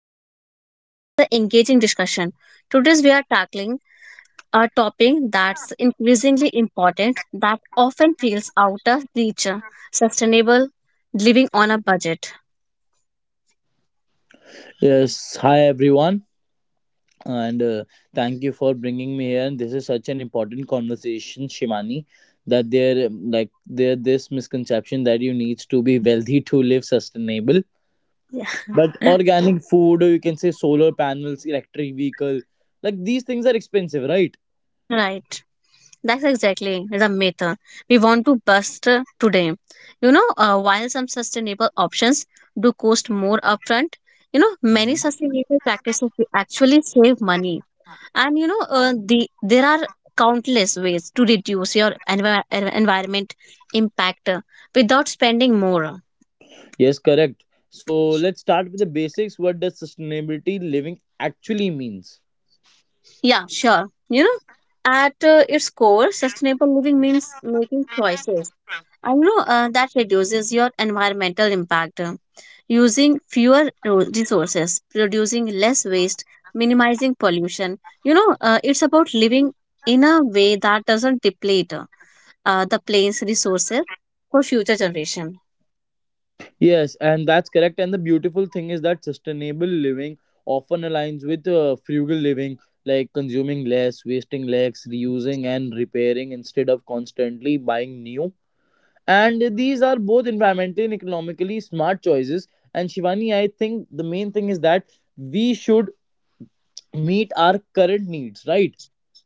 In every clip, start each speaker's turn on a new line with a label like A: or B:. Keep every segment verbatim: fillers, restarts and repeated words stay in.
A: for ana- another engaging discussion. Today, we are tackling a topic that's increasingly important that often feels out of reach, uh, sustainable living on a budget.
B: Yes, hi everyone, and uh, thank you for bringing me here. And this is such an important conversation, Shimani, that there um, like there this misconception that you need to be wealthy to live sustainable. But
A: Yeah.
B: organic food, or you can say solar panels, electric vehicle, like these things are expensive, right?
A: Right. That's exactly the myth uh, we want to bust uh, today. You know, uh, while some sustainable options do cost more upfront, you know, many sustainable practices will actually save money and you know uh, the there are countless ways to reduce your envi- en- environment impact uh, without spending more.
B: Yes, correct. So let's start with the basics. What does sustainability living actually means?
A: Yeah, sure, you know, at uh, its core, sustainable living means making choices, I know, uh, that reduces your environmental impact, uh, using fewer ro- resources, producing less waste, minimizing pollution. You know uh, it's about living in a way that doesn't deplete uh, uh, the plane's resources for future generation.
B: Yes, and that's correct. And the beautiful thing is that sustainable living often aligns with uh, frugal living, like consuming less, wasting less, reusing and repairing instead of constantly buying new. And these are both environmentally and economically smart choices. And Shivani, I think the main thing is that we should meet our current needs, right?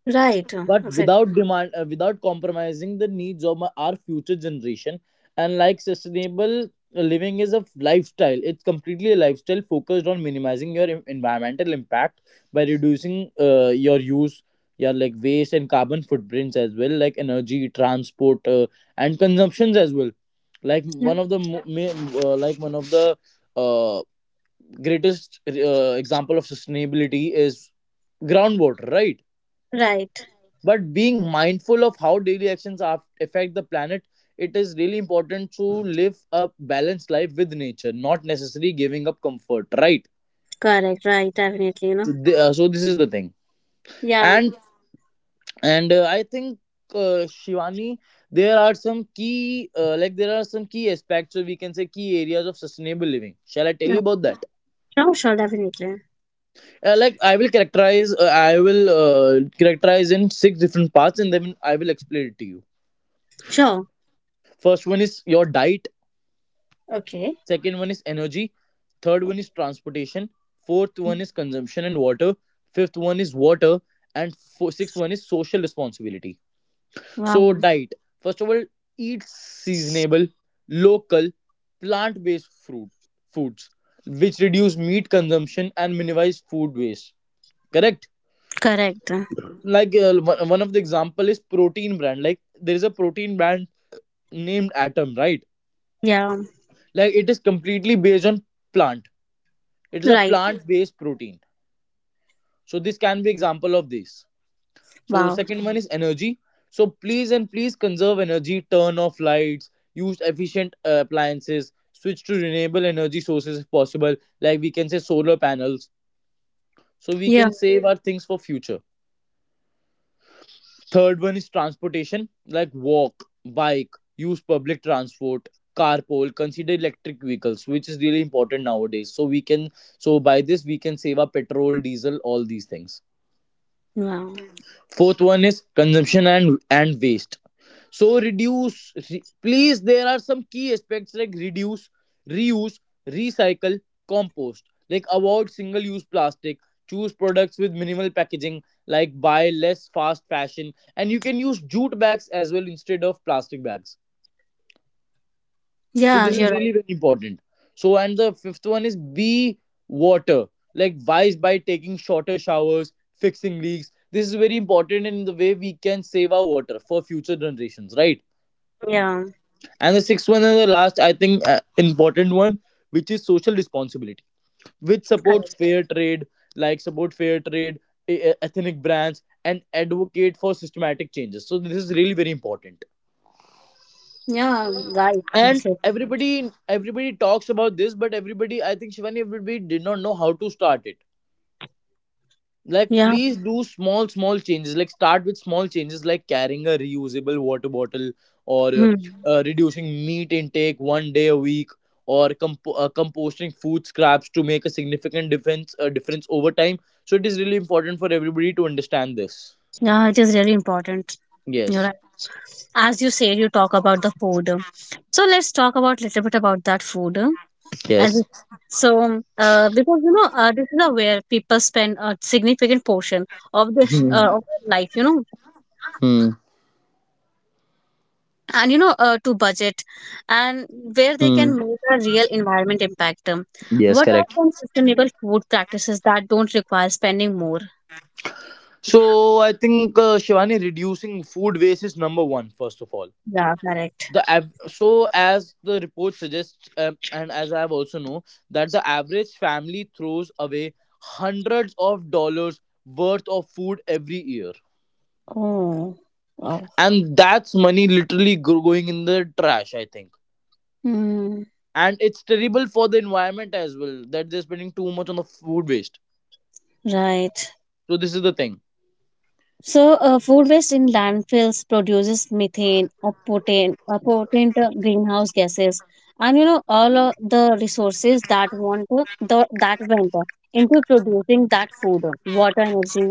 A: Right, uh,
B: But without
A: exactly.
B: demand, uh, without compromising the needs of my, our future generation. And like sustainable living is a lifestyle, it's completely a lifestyle focused on minimizing your en- environmental impact by reducing uh, your use, your like waste and carbon footprints as well, like energy, transport, uh, and consumptions as well. Like
A: Yeah.
B: one of the mo- ma- uh, like one of the uh, greatest uh, example of sustainability is groundwater, right?
A: Right,
B: But being mindful of how daily actions af- affect the planet, it is really important to live a balanced life with nature, not necessarily giving up comfort, right?
A: correct, right, definitely, you know.
B: So, th- uh, so this is the thing.
A: Yeah,
B: And and uh, I think, uh, Shivani, there are some key uh, like there are some key aspects, or we can say key areas of sustainable living. Shall I tell
A: yeah,
B: you about that?
A: sure, sure, definitely.
B: Uh, like i will characterize uh, I will uh, characterize in six different parts, and then I will explain it to you.
A: Sure,
B: First one is your diet.
A: okay.
B: Second one is energy. Third one is transportation. Fourth one is consumption and water. Fifth one is water. And fo- sixth one is social responsibility. So
A: Wow,
B: diet, first of all, eat seasonable, local, plant based fruit foods, which reduce meat consumption and minimize food waste, correct.
A: correct. Uh,
B: Like uh, one one of the example is protein brand. Like there is a protein brand named atom, right?
A: Yeah,
B: Like it is completely based on plant. It is a
A: right,
B: plant based protein. So this can be example of this. So
A: wow.
B: second one is energy. So please and please conserve energy, turn off lights, use efficient uh, appliances, switch to renewable energy sources if possible, like we can say solar panels. So we
A: Yeah,
B: can save our things for future. Third one is transportation, like walk, bike, use public transport, carpool, consider electric vehicles, which is really important nowadays. So we can so By this we can save our petrol, diesel, all these things.
A: wow.
B: Fourth one is consumption and and waste. So reduce, re- please. There are some key aspects like reduce, reuse, recycle, compost. Like avoid single-use plastic. Choose products with minimal packaging. Like buy less fast fashion, and you can use jute bags as well instead of plastic bags. So
A: Yeah,
B: this is
A: you're right.
B: really very important. So and the fifth one is be water. Like wise by taking shorter showers, fixing leaks. This is very important in the way we can save our water for future generations, right?
A: Yeah,
B: And the sixth one and the last, I think, uh, important one, which is social responsibility, which supports
A: correct.
B: fair trade, like support fair trade, e- e- ethnic brands, and advocate for systematic changes. So this is really very important.
A: Yeah, right,
B: And
A: absolutely.
B: everybody, everybody talks about this, but everybody, I think, Shivani, everybody did not know how to start it. Like
A: Yeah,
B: please do small small changes, like start with small changes like carrying a reusable water bottle, or uh,
A: hmm.
B: uh, reducing meat intake one day a week, or comp- uh, composting food scraps to make a significant difference uh, difference over time. So it is really important for everybody to understand this.
A: Yeah, it is really important. You're
B: Yes.
A: right. As you said, you talk about the food. So let's talk about little bit about that food.
B: Yes.
A: And so, uh, because you know, uh, this is a where people spend a significant portion of this
B: Hmm.
A: uh, of their life, you know,
B: Hmm.
A: and you know, uh, to budget, and where they
B: Hmm.
A: can make a real environment impact. Um,
B: Yes,
A: What are
B: correct.
A: some sustainable food practices that don't require spending more?
B: So I think, uh, Shivani, reducing food waste is number one, first of all.
A: Yeah, correct.
B: The av- so As the report suggests, um, and as I have also know, that the average family throws away hundreds of dollars worth of food every year.
A: Oh, wow.
B: And that's money literally go- going in the trash, I think.
A: Hmm.
B: And it's terrible for the environment as well, that they're spending too much on the food waste.
A: Right.
B: So this is the thing.
A: So, uh, food waste in landfills produces methane or potent, uh, potent uh, greenhouse gases, and you know all of the resources that want to, the, that went uh, into producing that food, uh, water, energy,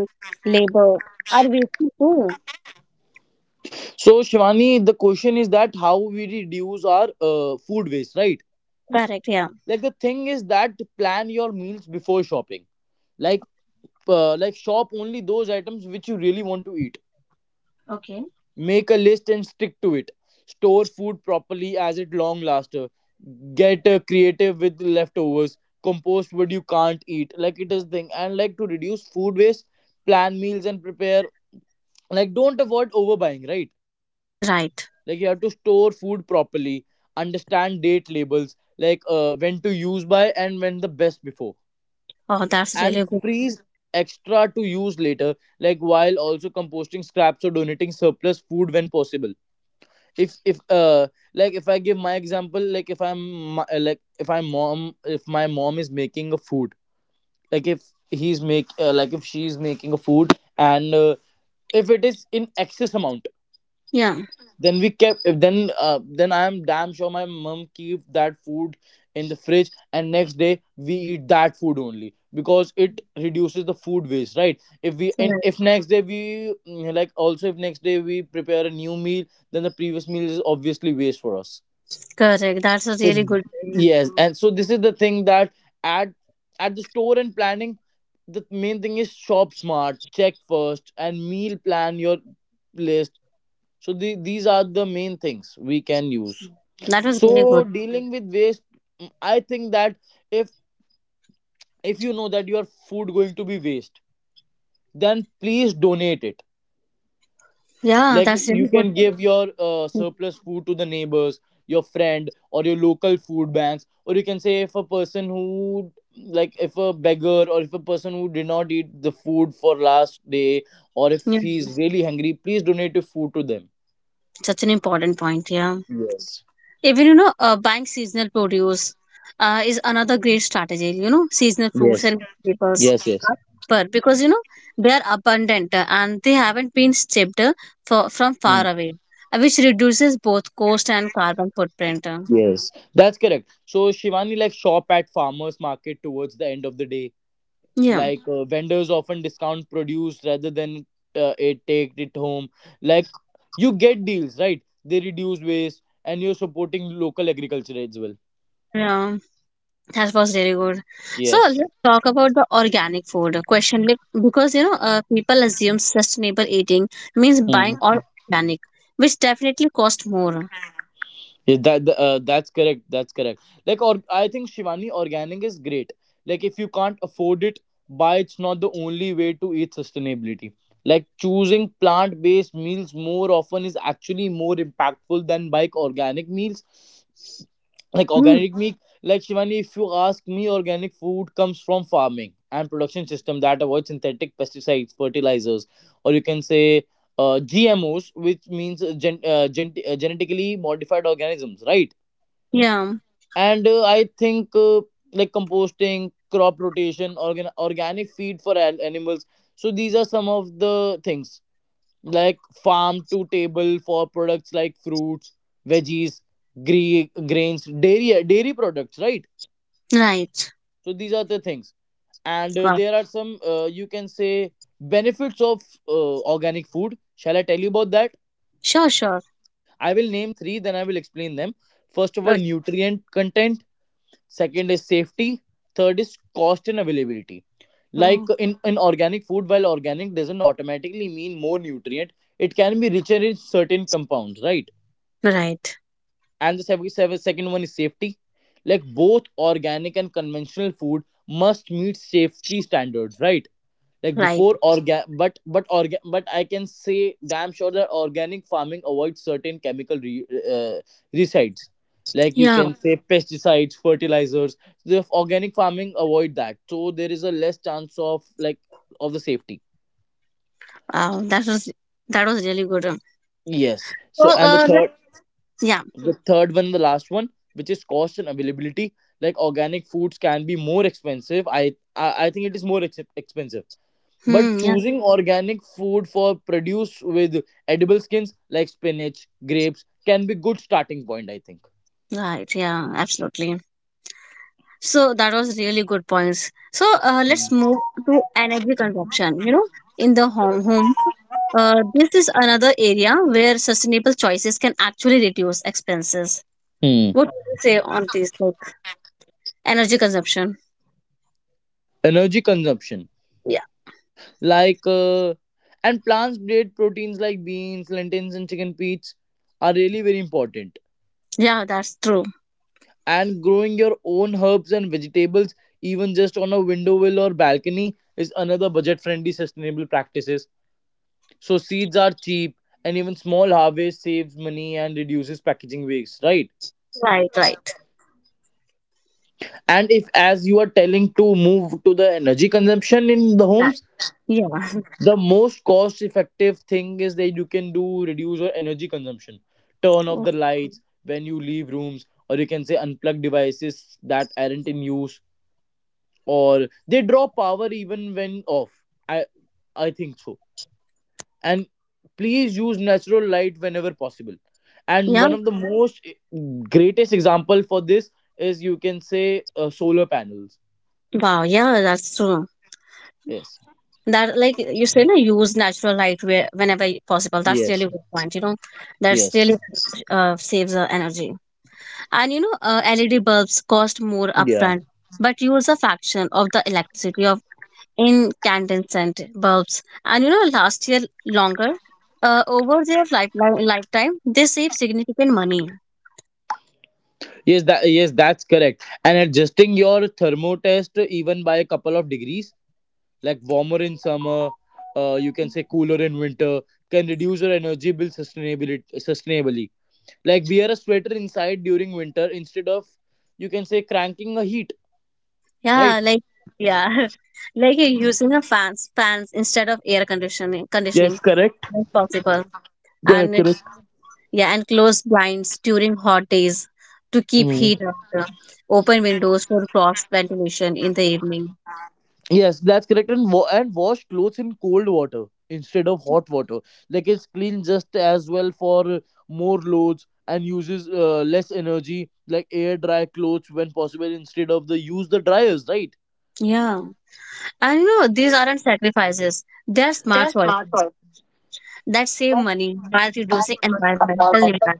A: labor are wasted too.
B: So Shivani, the question is that how we reduce our uh, food waste, right?
A: Correct. Yeah.
B: Like the thing is that plan your meals before shopping. Like uh, like shop only those items which you really want to eat.
A: Okay.
B: Make a list and stick to it. Store food properly as it long laster. Get uh, creative with leftovers. Compost what you can't eat. Like it is thing, and like to reduce food waste, plan meals and prepare. Like don't avoid overbuying, right?
A: Right.
B: Like you have to store food properly, understand date labels, like uh, when to use by and when the best before,
A: Oh, that's
B: and
A: really good.
B: freeze extra to use later, like while also composting scraps or donating surplus food when possible. if if uh like if I give my example, like if i'm my- uh, like if I am mom if my mom is making a food, like if he's make uh, like if she's making a food, and uh, if it is in excess amount,
A: Yeah.
B: then we kept then uh, then I am damn sure my mom keep that food in the fridge, and next day we eat that food only because it reduces the food waste, right? If we and
A: Correct.
B: if next day we, mm, like also if next day we prepare a new meal, then the previous meal is obviously waste for us.
A: Correct. That's a
B: So
A: really good.
B: yes, and so this is the thing that, at at the store and planning, the main thing is shop smart, check first and meal plan your list. So the, these are the main things we can use.
A: That was really good.
B: So dealing with waste, mm, I think that, if if you know that your food going to be waste, then please donate it.
A: Yeah,
B: Like
A: that's
B: you
A: really good.
B: can give your uh, surplus food to the neighbors, your friend, or your local food banks, or you can say if a person who, like if a beggar or if a person who did not eat the food for last day, or if
A: Yeah,
B: he's really hungry, please donate your food to them.
A: such an important point. Yeah.
B: Yes.
A: Even you know uh, buying seasonal produce uh, is another great strategy. You know, seasonal fruits
B: Yes.
A: and vegetables
B: Yes. Yes.
A: are cheaper because you know they are abundant, uh, and they haven't been shipped, uh, for, from far away, uh, which reduces both cost and carbon footprint. Uh.
B: Yes, that's correct. So Shivani, like shop at farmers market towards the end of the day.
A: Yeah,
B: Like uh, vendors often discount produce rather than uh, it take it home. Like you get deals, right? They reduce waste and you're supporting local agriculture as well.
A: yeah, that was really good. So
B: Yes.
A: let's talk about the organic food question, like, because you know uh, people assume sustainable eating means buying
B: Hmm.
A: all organic, which definitely cost more.
B: Yeah, that the- uh, that's correct. That's correct. Like, or I think Shivani, organic is great. Like, if you can't afford it, buy. It's not the only way to eat sustainability. Like, choosing plant-based meals more often is actually more impactful than buying organic meals. Like
A: Mm,
B: organic meat, like Shivani, if you ask me, organic food comes from farming and production system that avoid synthetic pesticides, fertilizers, or you can say uh, G M Os, which means uh, gen- uh, gen- uh, genetically modified organisms, right?
A: yeah,
B: and uh, I think uh, Like composting, crop rotation, organ- organic feed for an- animals. So these are some of the things, like farm to table for products, like fruits, veggies, gre- grains, dairy dairy products, right?
A: right.
B: So these are the things. And uh,
A: Wow!
B: there are some, uh, you can say, benefits of uh, organic food. Shall I tell you about that?
A: Sure, sure.
B: I will name three, then I will explain them. First of all,
A: Okay.
B: nutrient content. Second is safety. Third is cost and availability. Like
A: Oh,
B: in, in organic food, while organic doesn't automatically mean more nutrient, it can be richer in certain compounds, right?
A: right,
B: And the sev- sev- second one is safety. Like both organic and conventional food must meet safety standards, right? Like
A: right.
B: before organ but but organ but I can say damn sure that organic farming avoids certain chemical re- uh, resides, like you
A: Yeah.
B: can say, Mhm, pesticides, fertilizers. The organic farming avoid that, so there is a less chance of, like, of the safety.
A: Wow, that was that was really good. um.
B: Yes.
A: So,
B: So and the
A: uh, that-
B: third,
A: yeah.
B: the third one, the last one, which is cost and availability. Like organic foods can be more expensive. i i, I think it is more ex- expensive. But
A: Hmm. Yeah.
B: choosing organic food for produce with edible skins like spinach, grapes can be good starting point, I think.
A: Right. Yeah. Absolutely. So that was really good points. So, uh, let's move to energy consumption. You know, in the home home. Uh, this is another area where sustainable choices can actually reduce expenses.
B: Hmm.
A: What do you say on this, like energy consumption?
B: Energy consumption,
A: Yeah,
B: like uh, and plants-based proteins like beans, lentils, and chicken peas are really very important.
A: yeah, that's true.
B: And growing your own herbs and vegetables, even just on a window windowsill or balcony, is another budget-friendly, sustainable practices. So seeds are cheap, and even small harvest saves money and reduces packaging waste, right?
A: Right, right,
B: And if as you are telling to move to the energy consumption in the
A: right.
B: homes,
A: Yeah,
B: the most cost effective thing is that you can do reduce your energy consumption. Turn off the lights when you leave rooms, or you can say unplug devices that aren't in use, or they draw power even when off. I i think so. And please use natural light whenever possible. And
A: yeah.
B: one of the most eh, greatest example for this is you can say uh, solar panels.
A: Wow, yeah, that's true.
B: Yes.
A: That like you say, no, use natural light where whenever y- possible. That's
B: Yes.
A: really good point. You know, that's really
B: Yes.
A: uh, saves the energy. And you know, uh, L E D bulbs cost more
B: Yeah.
A: upfront, but use a fraction of the electricity of incandescent bulbs. And you know, last year longer, uh, over their life, li- lifetime, they save significant money.
B: Yes, that yes, that's correct. And adjusting your thermo test even by a couple of degrees, like warmer in summer, uh, you can say cooler in winter, can reduce your energy bill sustainability sustainably. Like wear a sweater inside during winter instead of you can say cranking a heat, right?
A: Yeah, like yeah, like uh, using a fans fans instead of air conditioning
B: Yes,
A: conditioning
B: correct.
A: when possible
B: Correct,
A: and it-
B: correct.
A: yeah, and closed blinds during hot days to keep
B: Mm.
A: heat out. Open windows for cross ventilation in the evening.
B: Yes, that's correct. And, wa- and wash clothes in cold water instead of hot water. Like it's clean just as well for uh, more loads and uses uh, less energy. Like air dry clothes when possible instead of the use the dryers, right?
A: Yeah, and you know these aren't sacrifices; they're smart choices that save
B: Hmm.
A: money while reducing environmental impact.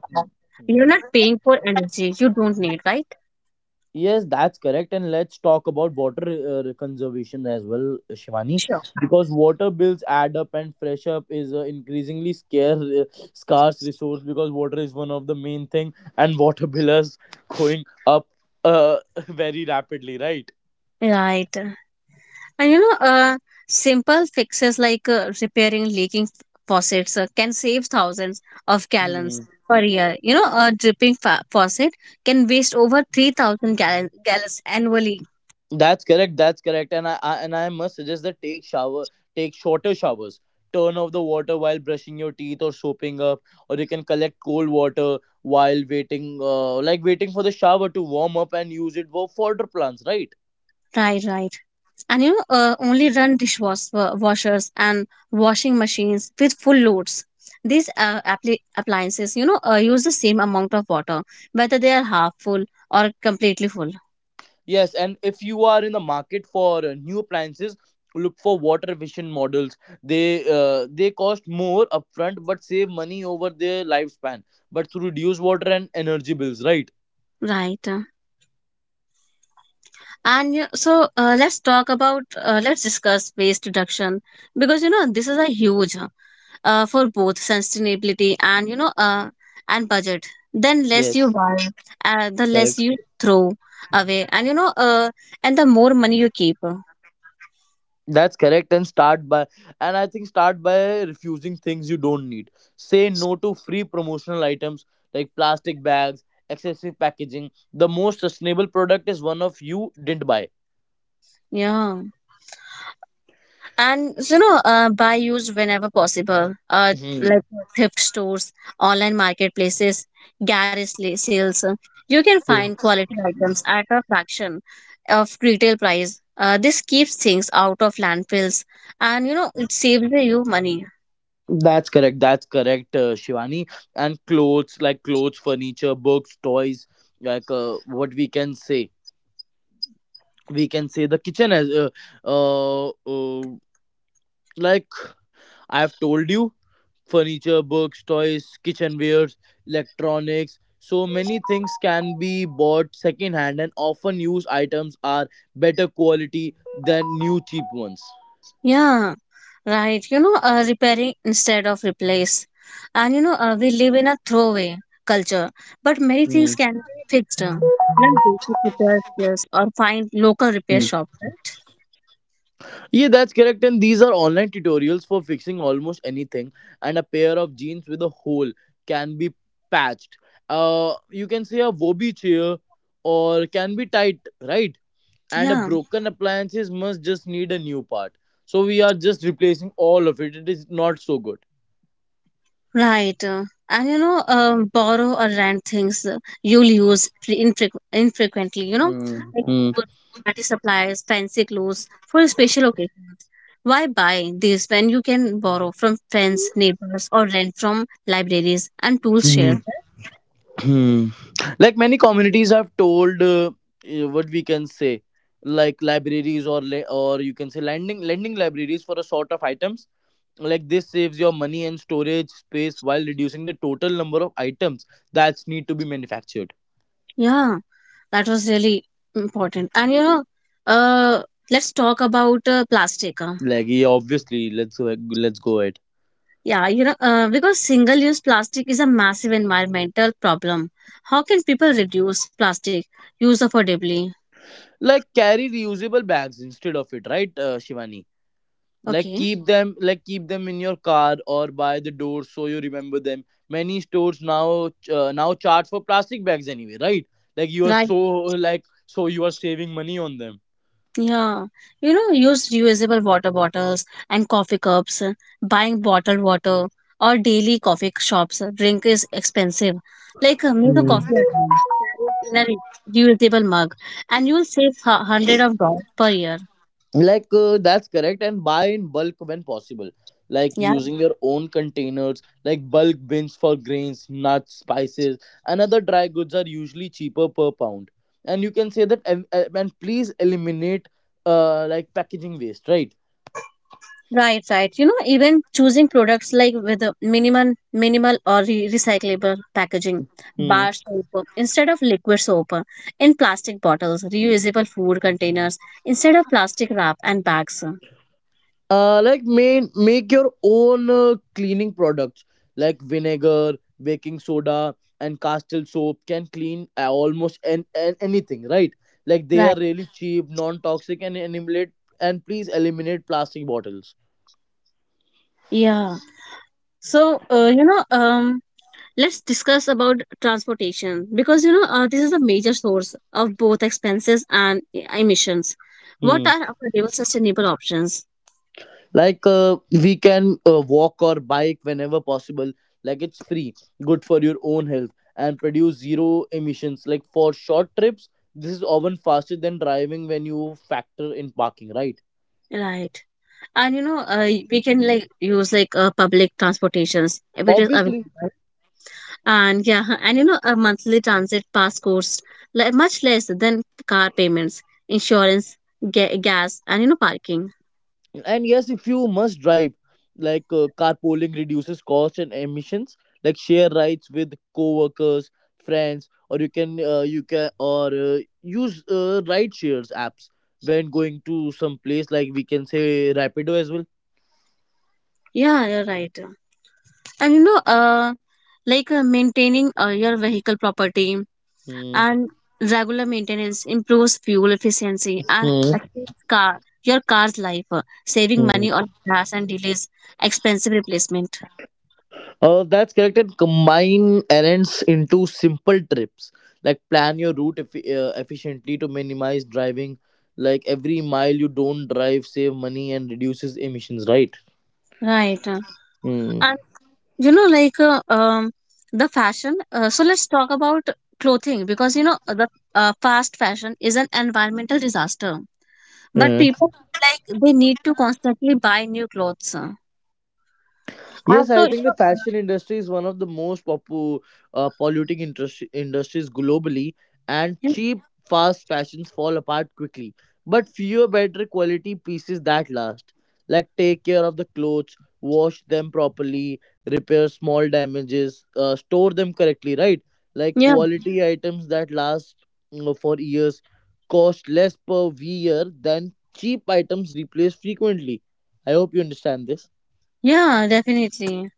A: You're
B: Hmm.
A: not paying for energy you don't need, right?
B: Yes, that's correct. And let's talk about water uh, conservation as well, Shivani,
A: Sure.
B: because water bills add up and fresh up is uh, increasingly scarce, uh, scarce resource because water is one of the main thing and water bill is going up, uh, very rapidly, right?
A: Right. And you know, uh, simple fixes like uh, repairing leaking f- faucets uh, can save thousands of
B: Hmm.
A: gallons per year. You know, a dripping fa- faucet can waste over three thousand gallon- gallons annually.
B: That's correct. That's correct. And I, I and I must suggest that take shower, take shorter showers. Turn off the water while brushing your teeth or soaping up, or you can collect cold water while waiting, uh, like waiting for the shower to warm up and use it for fodder plants, right?
A: Right, right. And you know, uh, only run dishwashers washers and washing machines with full loads. These uh, appli- appliances, you know, uh, use the same amount of water, whether they are half full or completely full.
B: Yes, and if you are in the market for uh, new appliances, look for water efficient models. They uh, they cost more upfront but save money over their lifespan, but to reduce water and energy bills, right?
A: Right. uh. And you- so uh, let's talk about, uh, let's discuss waste reduction because you know this is a huge, uh, for both sustainability and you know uh, and budget. Then less
B: Yes,
A: you buy, uh, the less you throw away, and you know uh, and the more money you keep.
B: that's correct. And start by, and I think start by refusing things you don't need. Say no to free promotional items like plastic bags, excessive packaging. The most sustainable product is one of you didn't buy.
A: Yeah. And you know uh, buy used whenever possible, uh,
B: Mhm.
A: like thrift stores, online marketplaces, garage la- sales, uh, you can find
B: True.
A: quality items at a fraction of retail price. Uh, this keeps things out of landfills, and you know it saves you money.
B: That's correct. That's correct, uh, Shivani. And clothes, like clothes, furniture, books, toys, like uh, what we can say. We can say the kitchen as uh, uh, uh, like I've told you. Furniture, books, toys, kitchenware, electronics. So many things can be bought secondhand, and often used items are better quality than new cheap ones.
A: Yeah, right. You know, uh, repairing instead of replace. And you know, uh, we live in a throwaway culture, but many
B: Hmm.
A: things can be fixed, uh, like basic repair skills or find local repair
B: Hmm.
A: shop, right?
B: Yeah, that's correct. And these are online tutorials for fixing almost anything. And a pair of jeans with a hole can be patched. Uh, you can say a Wobi chair or can be tight, right? And a
A: Yeah.
B: broken appliances must just need a new part, so we are just replacing all of it it is not so good.
A: Right. uh, And you know, uh, borrow or rent things uh, you'll use fre- infrequ- infrequently, you know,
B: Mm,
A: like
B: mm.
A: food, party supplies, fancy clothes for special occasions. Why buy these when you can borrow from friends, neighbors, or rent from libraries and tools
B: Hmm.
A: share?
B: Hmm. Like many communities have told uh, eh, what we can say, like libraries or la- or you can say lending lending libraries for a sort of items. Like this saves your money and storage space while reducing the total number of items that need to be manufactured.
A: Yeah, that was really important. And you know, uh, let's talk about uh, plastic. uh,
B: Like yeah, obviously let's go, let's go ahead
A: Yeah, you know, uh, because single use plastic is a massive environmental problem. How can people reduce plastic use affordably?
B: Like carry reusable bags instead of it, right, uh, Shivani? Like
A: Okay,
B: keep them like keep them in your car or by the door so you remember them. Many stores now uh, now charge for plastic bags anyway, right? Like you are
A: right.
B: so, like so you are saving money on them.
A: Yeah, you know, use reusable water bottles and coffee cups, uh, buying bottled water or daily coffee shops. uh, Drink is expensive. Like, uh, make a coffee at home, carry it in a re- reusable mug, and you'll save hu- hundred of dollars per year.
B: Like uh, that's correct. And buy in bulk when possible, like
A: Yeah.
B: using your own containers, like bulk bins for grains, nuts, spices, and other dry goods are usually cheaper per pound. And you can say that, and, and please eliminate uh, like packaging waste, right?
A: Right, right. You know, even choosing products like with a minimal, minimal or re- recyclable packaging, bar soap instead of liquid soap, in plastic bottles, reusable food containers instead of plastic wrap and bags.
B: Uh like main make your own uh, cleaning products, like vinegar, baking soda, and castle soap can clean uh, almost an, an, anything, right? Like they are
A: Right.
B: really cheap, non toxic, and eliminate, and please eliminate plastic bottles.
A: Yeah. So, uh, you know, um, let's discuss about transportation because you know uh, this is a major source of both expenses and e- emissions. What
B: Hmm.
A: are affordable, sustainable options?
B: Like uh, we can uh, walk or bike whenever possible. Like it's free, good for your own health, and produce zero emissions. Like for short trips, this is often faster than driving when you factor in parking, right?
A: Right. And you know, uh, we can like use like uh, public transportations if it is
B: Obviously.
A: available. And yeah, huh, and you know, a monthly transit pass costs like much less than car payments, insurance, ga- gas, and you know, parking.
B: And yes, if you must drive, like uh, carpooling reduces cost and emissions, like share rides with co-workers, friends, or you can uh, you can or uh, use uh, ride shares apps when going to some place, like we can say Rapido as well.
A: Yeah, you're right. And you know, uh, like uh, maintaining uh, your vehicle property
B: Hmm.
A: and regular maintenance improves fuel efficiency and
B: Hmm.
A: extends car your car's life, uh, saving
B: Hmm.
A: money on gas and delays expensive replacement.
B: Uh, that's correct. And combine errands into simple trips. Like plan your route eff- uh, efficiently to minimize driving. Like every mile you don't drive, save money and reduces emissions. Right.
A: Right.
B: Hmm.
A: uh, you know like uh, um the fashion, uh, so let's talk about clothing because you know the uh, fast fashion is an environmental disaster but
B: Yeah.
A: people feel like they need to constantly buy new clothes. Uh.
B: Yes,
A: also
B: I
A: you
B: think the
A: know uh,
B: fashion industry is one of the most popu- uh, polluting industri- industries globally, and
A: Yeah,
B: cheap, fast fashions fall apart quickly. But fewer better quality pieces that last. Like take care of the clothes, wash them properly, repair small damages, uh, store them correctly, right? Like
A: yeah,
B: quality items that last mm, for years cost less per year than cheap items replaced frequently. I hope you understand this.
A: yeah, definitely.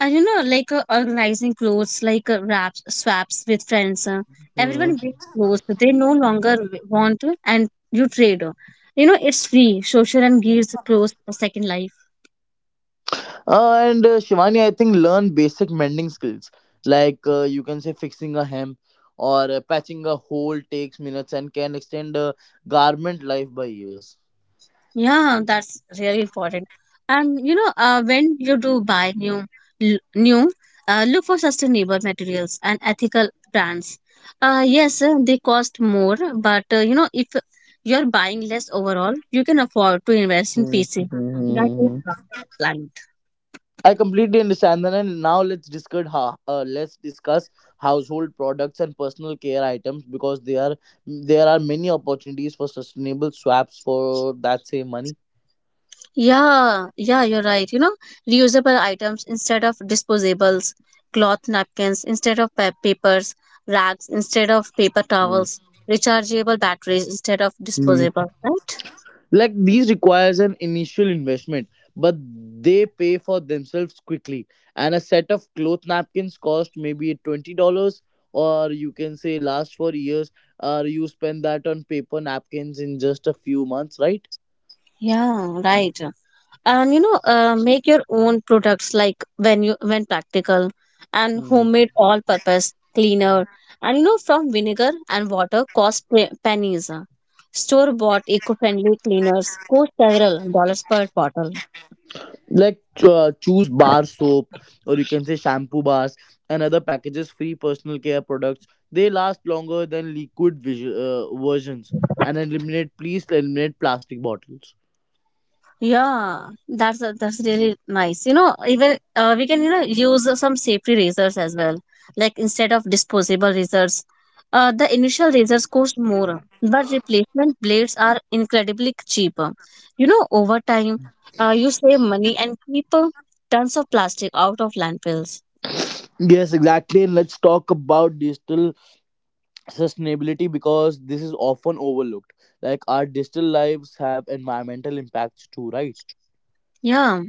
A: And you know like uh, organizing clothes like uh, wraps swaps with friends, uh,
B: Hmm.
A: everyone brings clothes that they no longer w- want, uh, and you trade uh. You know, it's free, social, and gives clothes a second life.
B: Uh, and uh, Shivani, I think learn basic mending skills, like uh, you can say fixing a hem or uh, patching a hole takes minutes and can extend a garment life by years.
A: Yeah, that's really important. And you know, uh, when you do buy new, l- new, uh, look for sustainable materials and ethical brands. Uh, yes, uh, they cost more, but uh, you know, if you're buying less overall, you can afford to invest in
B: Hmm,
A: P C.
B: hmm,
A: That
B: hmm,
A: is how
B: hmm.
A: the plan.
B: I completely understand that, and now let's discuss how, uh, let's discuss household products and personal care items because they are there are many opportunities for sustainable swaps for that same money.
A: Yeah, yeah, you're right. You know, reusable items instead of disposables, cloth napkins instead of pa- papers, rags instead of paper
B: Hmm.
A: towels, rechargeable batteries instead of disposable, right?
B: Like these requires an initial investment, but they pay for themselves quickly. And a set of cloth napkins cost maybe twenty dollars, or you can say last for years, or you spend that on paper napkins in just a few months, right?
A: Yeah, right. And you know, uh, make your own products like when you when practical and homemade all-purpose cleaner and you know from vinegar and water cost pe- pennies. Store-bought eco-friendly cleaners cost several dollars per bottle.
B: Like uh, choose bar soap, or you can say shampoo bars and other packages free personal care products, they last longer than liquid visu- uh, versions. And eliminate, please eliminate plastic bottles.
A: Yeah, that's a- that's really nice. You know, even uh, we can you know use uh, some safety razors as well. Like instead of disposable razors, uh, the initial razors cost more, but replacement blades are incredibly cheaper. You know, over time, uh, you save money and keep uh, tons of plastic out of landfills.
B: Yes, exactly. And let's talk about digital sustainability because this is often overlooked. Like our digital lives have environmental impacts too, right?
A: Yeah.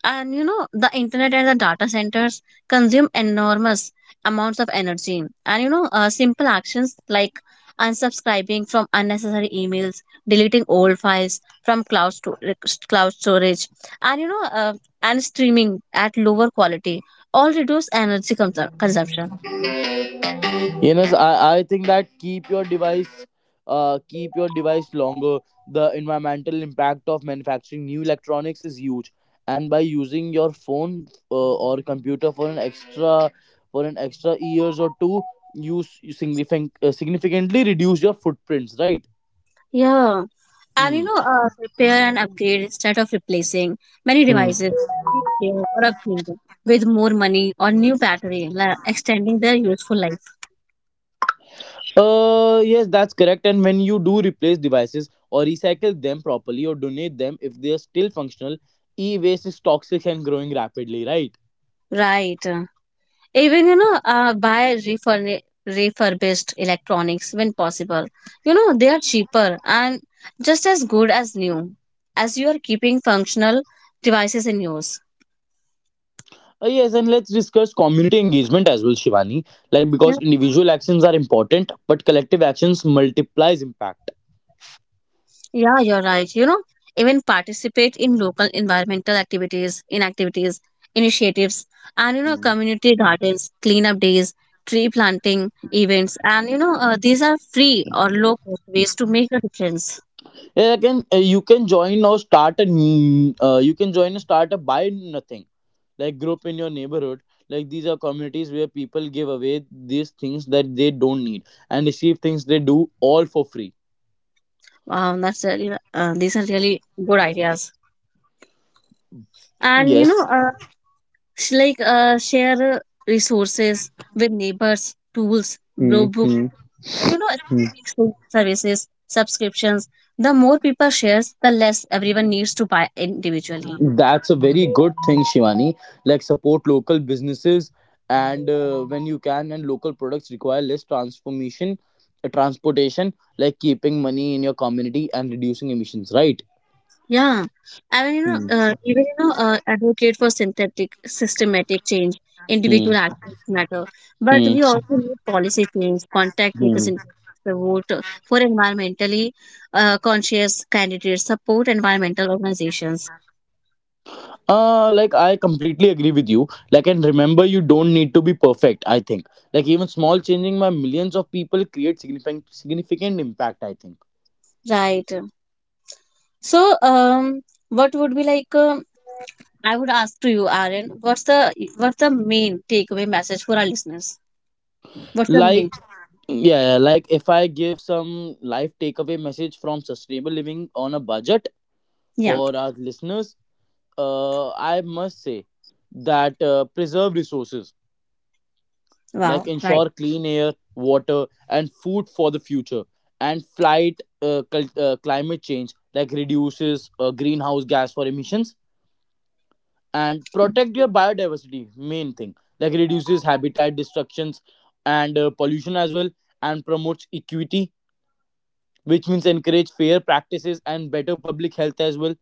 A: And you know the internet and the data centers consume enormous amounts of energy, and you know uh, simple actions like unsubscribing from unnecessary emails, deleting old files from cloud, sto- cloud storage, and you know uh, and streaming at lower quality all reduce energy consum- consumption.
B: Yes, I, I think that keep your device uh keep your device longer. The environmental impact of manufacturing new electronics is huge. And by using your phone uh, or computer for an extra for an extra years or two, you, s- you significant, uh, significantly reduce your footprints, right?
A: Yeah. And you
B: Hmm.
A: know, uh, repair and upgrade instead of replacing many
B: Hmm.
A: devices can be repaired or upgraded with more money or new battery, la- extending their useful life.
B: Uh, yes, that's correct. And when you do replace devices or recycle them properly or donate them if they are still functional, e waste is toxic and growing rapidly, right?
A: Right. Even you know, uh, buy refurni- refurbished electronics when possible. You know, they are cheaper and just as good as new, as you are keeping functional devices in use.
B: Uh, yes, and let's discuss community engagement as well, Shivani. Like, because
A: Yeah.
B: individual actions are important, but collective actions multiplies impact.
A: Yeah, you're right. You know, even participate in local environmental activities, in activities, initiatives, and you know,
B: Hmm.
A: community gardens, cleanup days, tree planting events, and you know, uh, these are free or low cost ways to make a difference.
B: Yeah, I can, uh, you can join or start a, n- uh, you can join or start a buy nothing like group in your neighborhood. Like these are communities where people give away these things that they don't need and receive things they do, all for free.
A: Wow, that's really, uh, these are really good ideas. And you know,
B: Yes.
A: uh, Sh- like uh, share uh, resources with neighbors, tools, bro- book,
B: Hmm.
A: and, you know, electronic services, subscriptions. The more people shares, the less everyone needs to buy individually.
B: That's a very good thing, Shivani. Like support local businesses and uh, when you can, and local products require less transformation uh, transportation, like keeping money in your community and reducing emissions, right?
A: Yeah, I mean, you know,
B: Hmm.
A: uh, even you know, uh, advocate for synthetic, systematic change.
B: Hmm.
A: Individual actions matter, but
B: Hmm.
A: we also need policy change, contact
B: Hmm.
A: representatives, to vote uh, for environmentally uh, conscious candidates, support environmental organizations.
B: Uh, like I completely agree with you. Like, and remember, you don't need to be perfect. I think, like, even small changing by millions of people create significant significant impact. I think,
A: Right. So, um, what would be like? Um, I would ask to you, Aaron, what's the what's the main takeaway message for our listeners? What's the main?
B: like, yeah, yeah, like if I give some life takeaway message from sustainable living on a budget
A: Yeah.
B: for our listeners, uh, I must say that uh, preserve resources like
A: Wow. Right.
B: ensure clean air, water, and food for the future. And flight uh, cul- uh, climate change, like reduces uh, greenhouse gas for emissions and protect your biodiversity. Main thing, like reduces habitat destructions and uh, pollution as well, and promotes equity, which means encourage fair practices and better public health as well.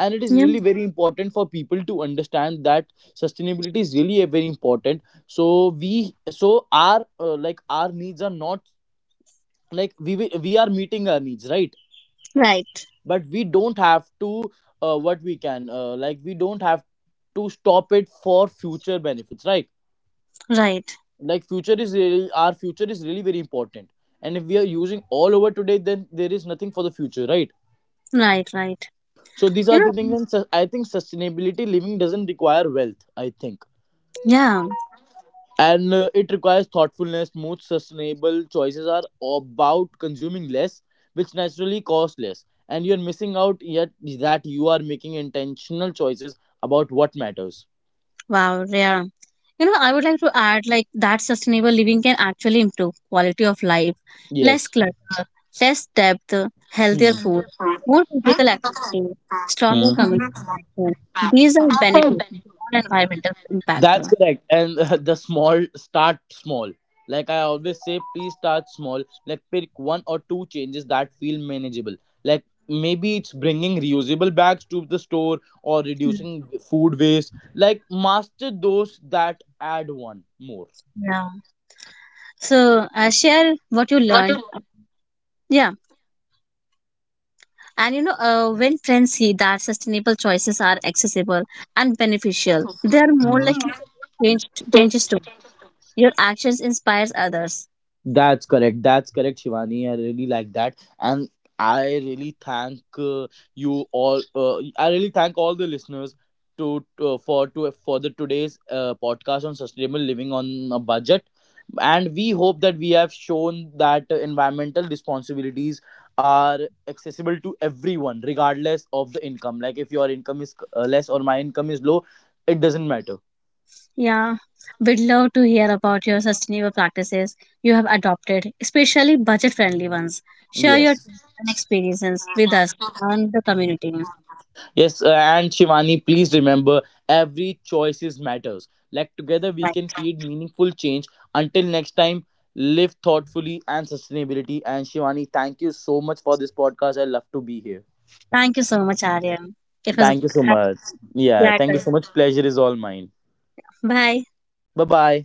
B: And it is
A: Yeah.
B: really very important for people to understand that sustainability is really a very important. So we so our uh, like our needs are not, like we will- we are meeting our needs, right?
A: Right.
B: But we don't have to, uh, what we can uh, like we don't have to stop it for future benefits, right?
A: Right.
B: Like future is really our future is really very important. And if we are using all over today, then there is nothing for the future, right?
A: Right. Right.
B: So these are
A: You
B: the things.
A: know.
B: and sus- I think sustainability living doesn't require wealth, I think.
A: Yeah.
B: And uh, it requires thoughtfulness. Most sustainable choices are about consuming less, which naturally cost less, and you're missing out yet that you are making intentional choices about what matters.
A: Wow. Yeah. You know, I would like to add like that sustainable living can actually improve quality of life, less
B: Yes.
A: clutter, less depth, healthier
B: Hmm.
A: food, more physical activity, stronger
B: Hmm.
A: community connection. These are benefits, beyond environmental impact.
B: That's correct. And uh, the small start small. Like I always say, please start small. Like pick one or two changes that feel manageable. Like maybe it's bringing reusable bags to the store or reducing food waste. Like master those that add one more.
A: Yeah. So uh, share what you learned. Yeah. And you know, uh, when friends see that sustainable choices are accessible and beneficial, they are more likely to change changes too. Your actions inspires others.
B: That's correct. That's correct, Shivani. I really like that, and I really thank uh, you all. Uh, I really thank all the listeners to, to for to for the today's uh, podcast on sustainable living on a budget, and we hope that we have shown that uh, environmental responsibilities are accessible to everyone, regardless of the income. Like if your income is uh, less or my income is low, it doesn't matter.
A: Yeah. We'd love to hear about your sustainable practices you have adopted, especially budget friendly ones. Share your
B: Yes.
A: tips and experiences with us and the community.
B: Yes, uh, and Shivani, please remember every choices matters. Like together we
A: Right.
B: can create meaningful change. Until next time, live thoughtfully and sustainability. And Shivani, thank you so much for this podcast. I love to be here.
A: Thank you so much, Aryan. It was a
B: Thank you so
A: happy
B: much. Yeah, thank you
A: pleasure.
B: so much. Pleasure is all mine.
A: Bye.
B: Bye bye.